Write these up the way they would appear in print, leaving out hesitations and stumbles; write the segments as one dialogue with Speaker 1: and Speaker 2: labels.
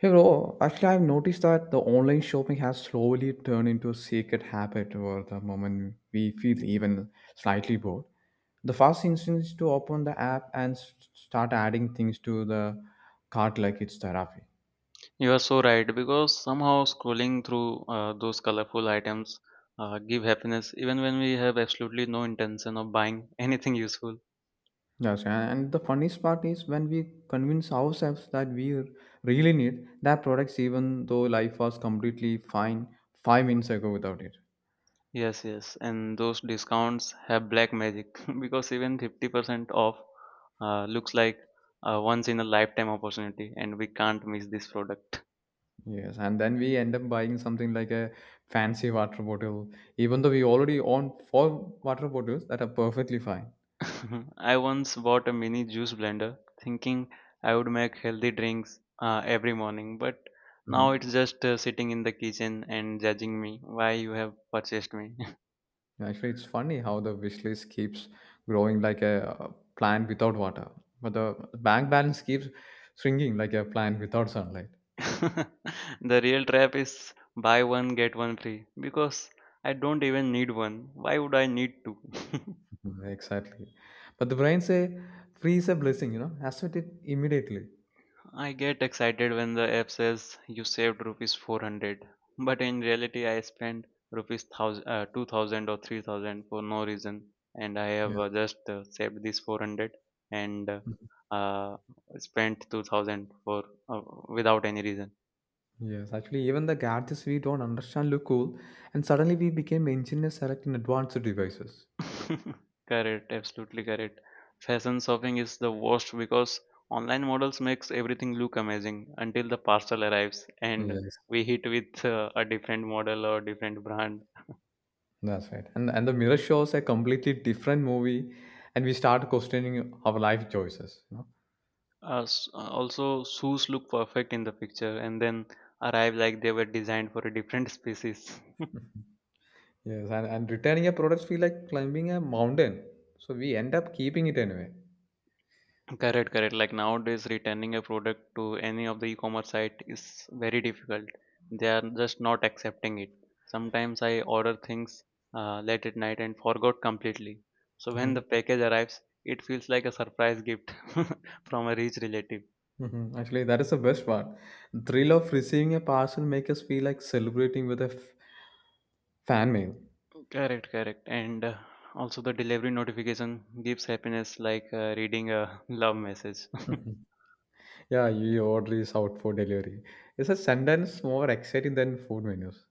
Speaker 1: Hey bro, actually I've noticed that the online shopping has slowly turned into a secret habit where the moment we feel even slightly bored. The first instinct is to open the app and start adding things to the cart like it's therapy.
Speaker 2: You are so right because somehow scrolling through those colorful items give happiness even when we have absolutely no intention of buying anything useful.
Speaker 1: Yes, and the funniest part is when we convince ourselves that we really need that products even though life was completely fine 5 minutes ago without it.
Speaker 2: Yes, yes, and those discounts have black magic because even 50% off looks like a once in a lifetime opportunity and we can't miss this product.
Speaker 1: Yes, and then we end up buying something like a fancy water bottle, even though we already own four water bottles that are perfectly fine.
Speaker 2: I once bought a mini juice blender thinking I would make healthy drinks every morning, but now
Speaker 1: Mhm.
Speaker 2: it's just sitting in the kitchen and judging me, why you have purchased me.
Speaker 1: Actually, it's funny how the wish list keeps growing like a plant without water, but the bank balance keeps shrinking like a plant without sunlight.
Speaker 2: The real trap is buy one get one free because I don't even need one. Why would I need two?
Speaker 1: Mhm, exactly. But the brain say, freeze a blessing, you know, accept it immediately.
Speaker 2: I get excited when the app says you saved rupees 400, but in reality, I spent rupees 1000, 2000 or 3000 for no reason, and I have
Speaker 1: Yes.
Speaker 2: just saved this 400 and
Speaker 1: Mhm.
Speaker 2: uh, spent 2000 for uh, without any reason.
Speaker 1: Yes, actually, even the gadgets we don't understand look cool, and suddenly we became engineers selecting advanced devices.
Speaker 2: Correct, absolutely correct. Fashion shopping is the worst because online models makes everything look amazing until the parcel arrives and
Speaker 1: Yes,
Speaker 2: we hit with a different model or different brand.
Speaker 1: that's right. And the mirror shows a completely different movie, and we start questioning our life choices, you know?
Speaker 2: Also, shoes look perfect in the picture and then arrive like they were designed for a different species.
Speaker 1: Yes, and returning a product feel like climbing a mountain, so we end up keeping it anyway.
Speaker 2: Correct, correct. Like nowadays, returning a product to any of the e-commerce site is very difficult. They are just not accepting it. Sometimes I order things late at night and forgot completely. So when
Speaker 1: Mm-hmm.
Speaker 2: the package arrives, it feels like a surprise gift from a rich relative.
Speaker 1: Mm-hmm. Actually, that is the best part. Thrill of receiving a parcel make us feel like celebrating with a fan mail.
Speaker 2: Correct, correct. And also the delivery notification gives happiness like reading a love message.
Speaker 1: Mhm. Yeah, your order is out for delivery. It's a sentence more exciting than food menus.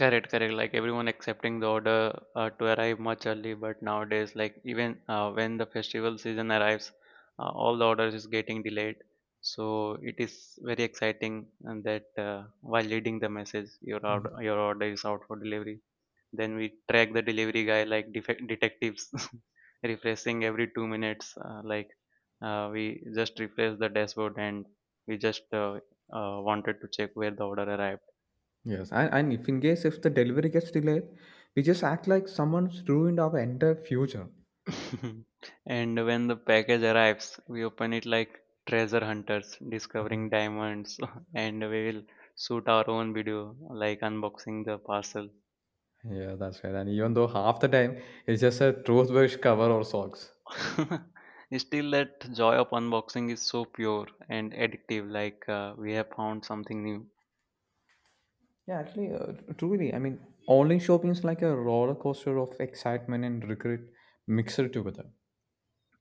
Speaker 2: Correct, correct. Like everyone accepting the order to arrive much early, but nowadays, like even when the festival season arrives, all the orders is getting delayed. So it is very exciting, and that while leading the message, your order,
Speaker 1: Mm-hmm.
Speaker 2: your order is out for delivery. Then we track the delivery guy like detectives, refreshing every 2 minutes. Like we just refresh the dashboard, and we just wanted to check where the order arrived.
Speaker 1: Yes, and if in case if the delivery gets delayed, we just act like someone's ruined our entire future.
Speaker 2: And when the package arrives, we open it like treasure hunters discovering diamonds, and we will shoot our own video, like unboxing the parcel.
Speaker 1: Yeah, that's right. And even though half the time it's just a toothbrush cover or socks.
Speaker 2: Still, that joy of unboxing is so pure and addictive, like we have found something new.
Speaker 1: Yeah, actually, truly, I mean, online shopping is like a roller coaster of excitement and regret mixed together.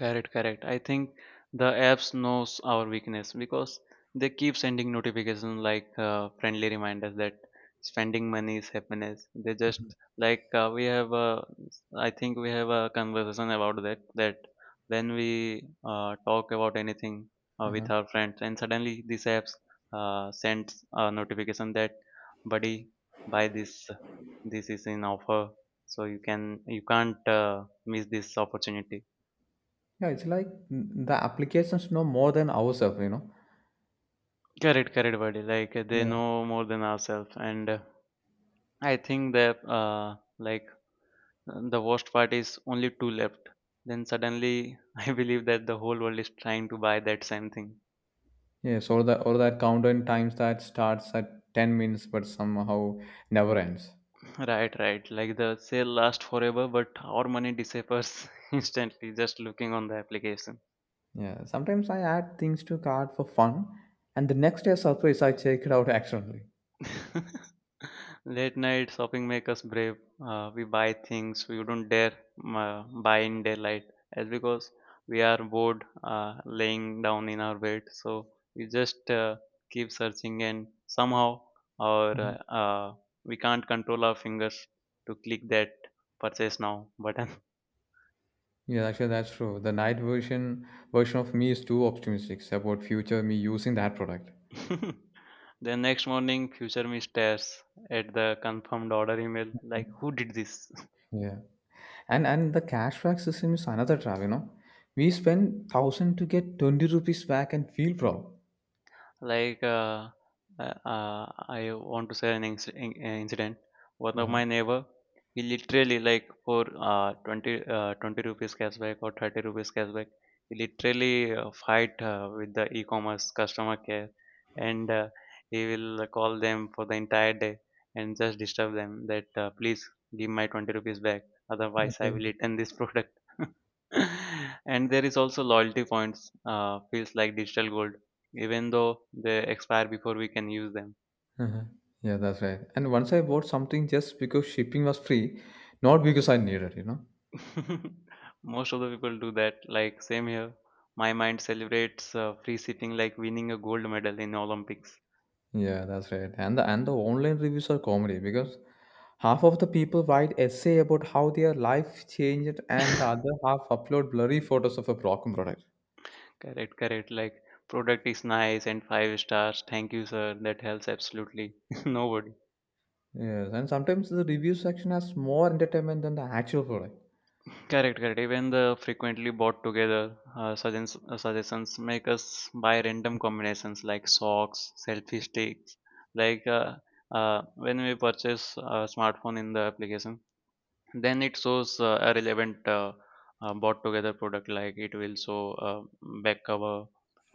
Speaker 2: Correct, correct. I think the apps knows our weakness because they keep sending notifications like friendly reminders that spending money is happiness. They just, like, I think we have a conversation about that when we talk about anything
Speaker 1: Uh-huh.
Speaker 2: with our friends, and suddenly these apps sends a notification that, buddy, buy this. This is in offer, so you can't miss this opportunity.
Speaker 1: Yeah, it's like the applications know more than ourselves, you know.
Speaker 2: Correct, correct, buddy. Like they
Speaker 1: Yeah.
Speaker 2: know more than ourselves, and I think that like the worst part is only two left. Then suddenly, I believe that the whole world is trying to buy that same thing.
Speaker 1: Yes, or that countdown times that starts at 10 minutes but somehow never ends.
Speaker 2: Right, right. Like the sale lasts forever, but our money disappears instantly just looking on the application.
Speaker 1: Yeah, sometimes I add things to cart for fun, and the next day surprise I check it out accidentally.
Speaker 2: Late night shopping make us brave. We buy things we don't dare buy in daylight, as because we are bored laying down in our bed. So we just keep searching, and somehow our
Speaker 1: Mhm.
Speaker 2: we can't control our fingers to click that purchase now button.
Speaker 1: Yeah, actually that's true. The night version of me is too optimistic about future me using that product.
Speaker 2: Then next morning, future me stares at the confirmed order email like, "Who did this?"
Speaker 1: Yeah, and the cashback system is another trap, you know. We spend thousand to get 20 rupees back and feel proud.
Speaker 2: Like I want to say an incident. One of
Speaker 1: Uh-huh.
Speaker 2: my neighbor, he literally, like, for 20 rupees cashback or 30 rupees cashback, he literally fight with the e-commerce customer care, and he will call them for the entire day and just disturb them that, please give my 20 rupees back, otherwise I
Speaker 1: Okay.
Speaker 2: will return this product. And there is also loyalty points feels like digital gold even though they expire before we can use them.
Speaker 1: Uh-huh. Yeah, that's right. And once I bought something just because shipping was free, not because I needed, you know.
Speaker 2: Most of the people do that. Like same here, my mind celebrates free shipping like winning a gold medal in Olympics.
Speaker 1: Yeah, that's right. And the online reviews are comedy because half of the people write essay about how their life changed and the other half upload blurry photos of a broken product.
Speaker 2: Correct, correct. Like, product is nice and five stars. Thank you, sir. That helps absolutely nobody.
Speaker 1: Yes, and sometimes the review section has more entertainment than the actual product.
Speaker 2: Correct, correct. Even the frequently bought together suggestions make us buy random combinations like socks, selfie sticks. Like when we purchase a smartphone in the application, then it shows a relevant bought together product, like it will show back cover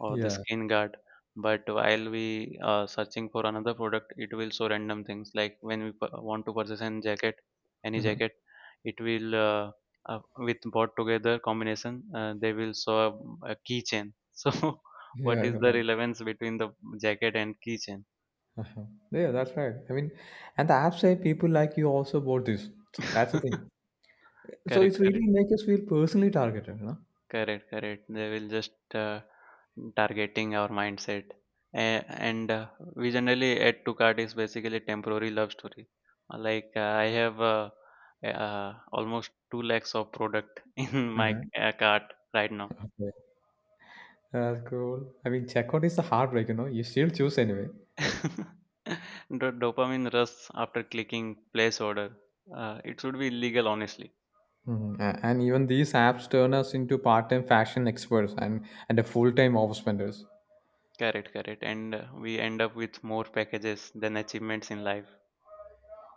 Speaker 2: or the
Speaker 1: Yeah.
Speaker 2: skin guard. But while we are searching for another product, it will show random things like when we want to purchase any jacket, any
Speaker 1: Uh-huh.
Speaker 2: jacket, it will with bought together combination, they will show a keychain. So what
Speaker 1: Yeah,
Speaker 2: is
Speaker 1: you're
Speaker 2: the
Speaker 1: right.
Speaker 2: relevance between the jacket and keychain?
Speaker 1: Uh-huh. Yeah, that's right. I mean, and the app say people like you also bought this. That's the thing.
Speaker 2: Correct,
Speaker 1: So it's
Speaker 2: correct.
Speaker 1: really make us feel personally targeted, you know?
Speaker 2: Correct, correct. They will just targeting our mindset. And we generally add to cart is basically temporary love story. Like I have almost 2 lakhs of product in my
Speaker 1: Uh-huh.
Speaker 2: cart right now.
Speaker 1: Okay. That's cool. I mean, checkout is a heartbreak, you know. You still choose anyway.
Speaker 2: Dopamine rush after clicking place order. It should be illegal, honestly.
Speaker 1: Mhm. And even these apps turn us into part-time fashion experts and a full-time office spenders.
Speaker 2: Correct, correct. And we end up with more packages than achievements in life.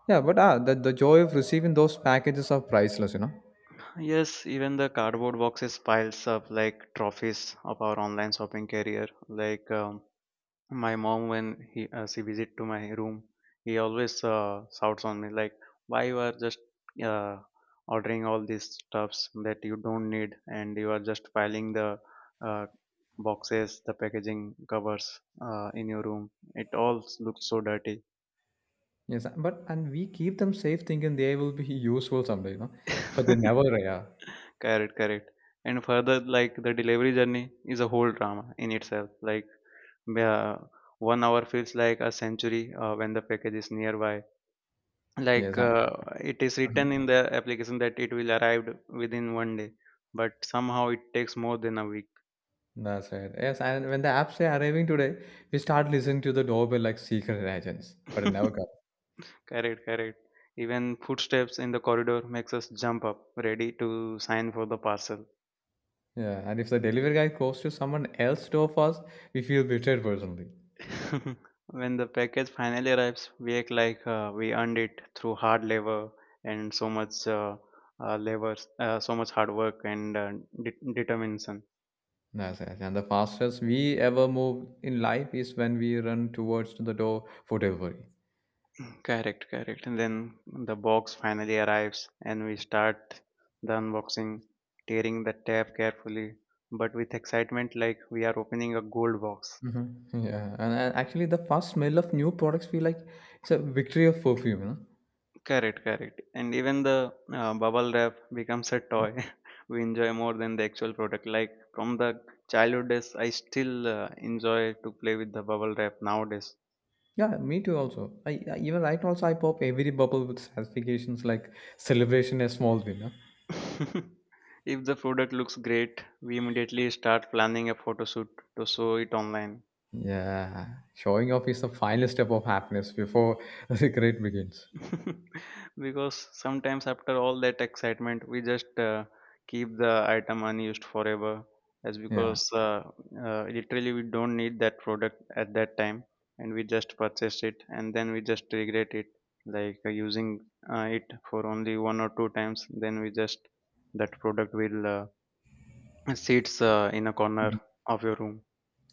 Speaker 1: Yeah, but ah, the joy of receiving those packages are priceless, you know.
Speaker 2: Yes, even the cardboard boxes piles up like trophies of our online shopping career. Like my mom, when he she visit to my room, he always shouts on me like, "Why you are just uh, ordering all these stuffs that you don't need, and you are just piling the uh, boxes, the packaging covers in your room. It all looks so dirty."
Speaker 1: Yes, but and we keep them safe, thinking they will be useful someday, you know. But they never are.
Speaker 2: Correct, correct. And further, like the delivery journey is a whole drama in itself. Like, yeah, one hour feels like a century when the package is nearby.
Speaker 1: Yes,
Speaker 2: Like
Speaker 1: I-
Speaker 2: it is
Speaker 1: uh-huh.
Speaker 2: written in the application that it will arrive within one day, but somehow it takes more than a week.
Speaker 1: That's right. Yes, and when the apps say arriving today, we start listening to the doorbell like secret agents, but it never comes.
Speaker 2: Correct, correct. Even footsteps in the corridor makes us jump up, ready to sign for the parcel.
Speaker 1: Yeah, and if the delivery guy goes to someone else's door first, we feel betrayed personally.
Speaker 2: When the package finally arrives, we act like we earned it through hard labor and so much labor, so much hard work and determination.
Speaker 1: That's it. And the fastest we ever move in life is when we run towards the door for delivery.
Speaker 2: Correct, correct. And then the box finally arrives and we start the unboxing, tearing the tab carefully, but with excitement like we are opening a gold box.
Speaker 1: Mhm. Yeah, and actually, the first smell of new products feel like it's a victory of perfume, you know?
Speaker 2: Correct, correct. And even the bubble wrap becomes a toy we enjoy more than the actual product. Like from the childhood days, I still enjoy to play with the bubble wrap nowadays.
Speaker 1: Yeah, me too. Also, I even right now also I pop every bubble with satisfactions like celebration a small win, huh?
Speaker 2: If the product looks great, we immediately start planning a photo shoot to show it online.
Speaker 1: Yeah, showing off is the final step of happiness before the cigarette begins.
Speaker 2: Because sometimes after all that excitement, we just keep the item unused forever, as
Speaker 1: Yeah,
Speaker 2: because literally we don't need that product at that time, and we just purchase it and then we just regret it, like using it for only one or two times. Then we just that product will sits in a corner of your room.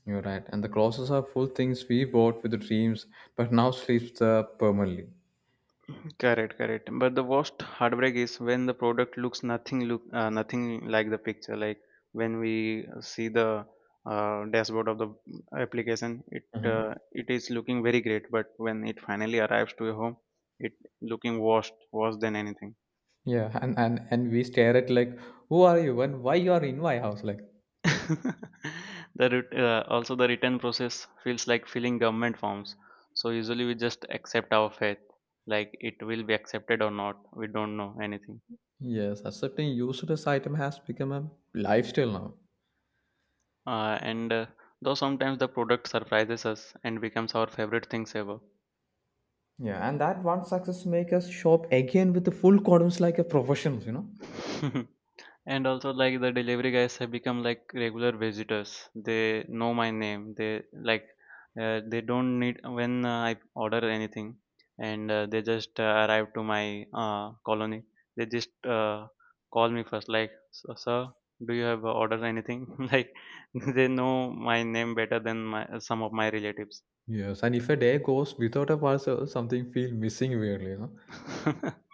Speaker 1: you're right. And the closets are full things we bought with the dreams, but now sleeps there permanently.
Speaker 2: Correct, correct. But the worst heartbreak is when the product looks nothing like the picture. Like when we see the dashboard of the application, it is looking very great, but when it finally arrives to your home, it looking worst worse than anything.
Speaker 1: Yeah, and we stare at like, who are you and why you are in my house? Like,
Speaker 2: the also, the return process feels like filling government forms. So usually we just accept our faith, like it will be accepted or not. We don't know anything.
Speaker 1: yes, accepting useless item has become a lifestyle now.
Speaker 2: And though sometimes the product surprises us and becomes our favorite things ever.
Speaker 1: Yeah, and that one success make us shop again with the full columns like a professionals, you know.
Speaker 2: And also, like, the delivery guys have become like regular visitors. They know my name. They don't need, when I order anything, and they just arrive to my colony. They just call me first like, "Sir, sir, do you have ordered anything?" Like they know my name better than my some of my relatives.
Speaker 1: Yes, and if a day goes without a parcel, something feel missing weirdly, you know.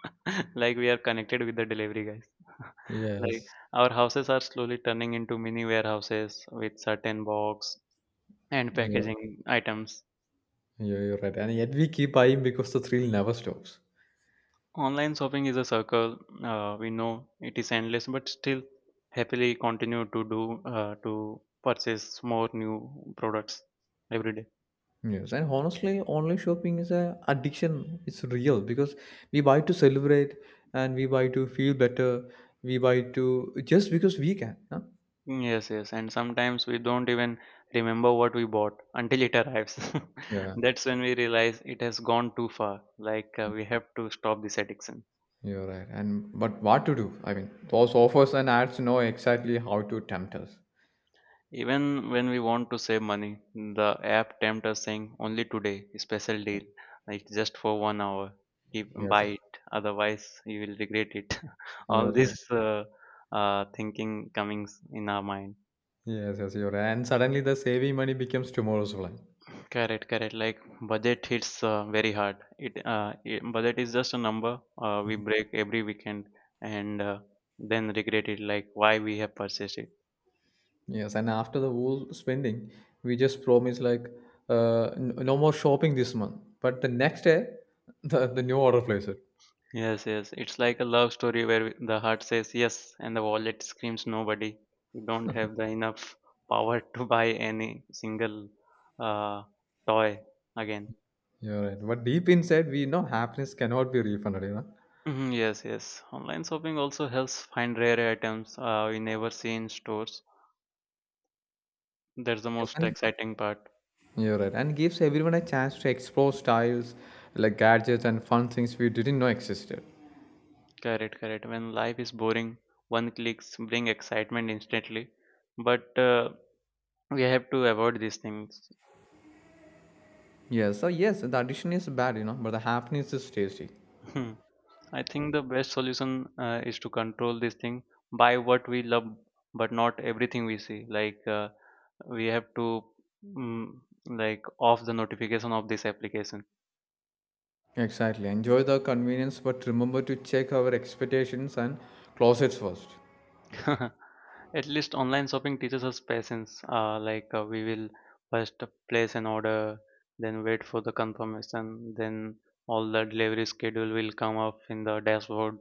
Speaker 2: Like we are connected with the delivery guys. Like
Speaker 1: Yes,
Speaker 2: our houses are slowly turning into mini warehouses with certain box and
Speaker 1: yeah,
Speaker 2: packaging items.
Speaker 1: yeah, you're right, and yet we keep buying because the thrill never stops.
Speaker 2: Online shopping is a circle. We know it is endless, but still happily continue to purchase more new products every day.
Speaker 1: Yes, and honestly, online shopping is a addiction. It's real because we buy to celebrate and we buy to feel better. We buy to just because we can, huh?
Speaker 2: Yes, yes, and sometimes we don't even remember what we bought until it arrives.
Speaker 1: Yeah,
Speaker 2: That's when we realize it has gone too far. Like we have to stop this addiction.
Speaker 1: you're right. And but what to do? I mean, those offers and ads know exactly how to tempt us.
Speaker 2: Even when we want to save money, the app tempts us saying, only today, special deal. Like, just for one hour, keep
Speaker 1: Yes,
Speaker 2: buy it. Otherwise, you will regret it.
Speaker 1: you're
Speaker 2: All
Speaker 1: right.
Speaker 2: this thinking coming in our mind.
Speaker 1: Yes, you're right. And suddenly the saving money becomes tomorrow's plan.
Speaker 2: Correct, correct. Like budget hits very hard. It budget is just a number we break every weekend, and then regret it. Like, why we have purchased it.
Speaker 1: Yes, and after the whole spending, we just promise like no more shopping this month. But the next day, the new order plays it.
Speaker 2: Yes, yes. It's like a love story where the heart says yes and the wallet screams nobody. You don't have the enough power to buy any single uh, toy again.
Speaker 1: You're right. But deep inside, we know happiness cannot be refunded, you know.
Speaker 2: Mhm. Yes, yes. Online shopping also helps find rare items we never see in stores. That's the
Speaker 1: Yes,
Speaker 2: most
Speaker 1: and-
Speaker 2: exciting part.
Speaker 1: you're right. And gives everyone a chance to explore styles like gadgets and fun things we didn't know existed.
Speaker 2: Correct, correct. When life is boring, one clicks bring excitement instantly, but we have to avoid these things.
Speaker 1: Yes, so yes, the addition is bad, you know, but the happiness is tasty.
Speaker 2: Hmm. I think the best solution is to control this thing by what we love, but not everything we see. Like we have to mm, like off the notification of this application.
Speaker 1: Exactly. Enjoy the convenience, but remember to check our expectations and closets first.
Speaker 2: At least online shopping teaches us patience. Like we will first place an order, then wait for the confirmation, then all the delivery schedule will come up in the dashboard.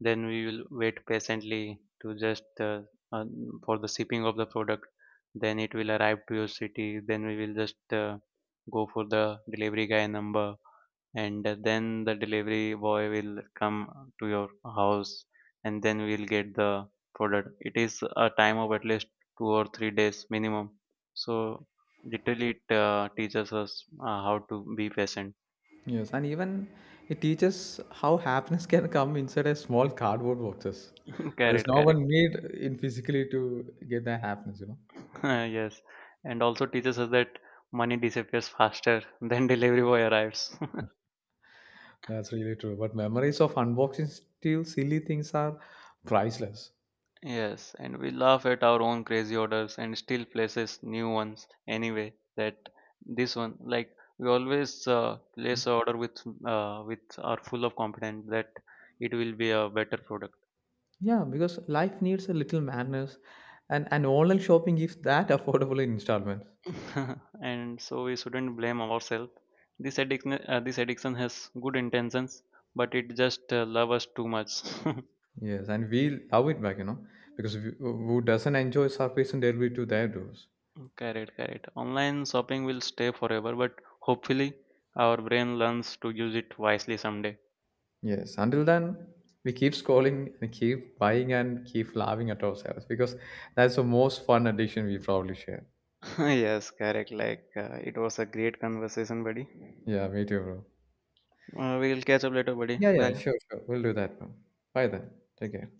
Speaker 2: Then we will wait patiently to just uh, for the shipping of the product. Then it will arrive to your city. Then we will just go for the delivery guy number, and then the delivery boy will come to your house, and then we'll get the product. It is a time of at least 2 or 3 days minimum. So literally it teaches us how to be patient.
Speaker 1: Yes, and even it teaches how happiness can come inside a small cardboard boxes. There's
Speaker 2: Correct,
Speaker 1: no one
Speaker 2: correct.
Speaker 1: need in physically to get that happiness, you know.
Speaker 2: Yes, and also teaches us that money disappears faster than delivery boy arrives.
Speaker 1: That's really true. But memories of unboxing still silly things are priceless.
Speaker 2: Yes, and we laugh at our own crazy orders and still places new ones anyway. That, this one, like we always place a order with are full of confidence that it will be a better product.
Speaker 1: Yeah, because life needs a little madness and online shopping gives that affordable in installments.
Speaker 2: And so we shouldn't blame ourselves. This addiction has good intentions, but it just love us too much.
Speaker 1: Yes, and we love it back, you know, because we, who doesn't enjoy surfacing delivery to their doors?
Speaker 2: Correct, correct. Online shopping will stay forever, but hopefully our brain learns to use it wisely someday.
Speaker 1: Yes, until then, we keep scrolling and keep buying and keep laughing at ourselves because that's the most fun addiction we probably share.
Speaker 2: Yes, correct. Like, it was a great conversation, buddy.
Speaker 1: Yeah, me too, bro.
Speaker 2: We'll catch up later, buddy.
Speaker 1: Yeah, yeah,
Speaker 2: Bye.
Speaker 1: sure, sure. We'll do that, bro. Bye then. Take care.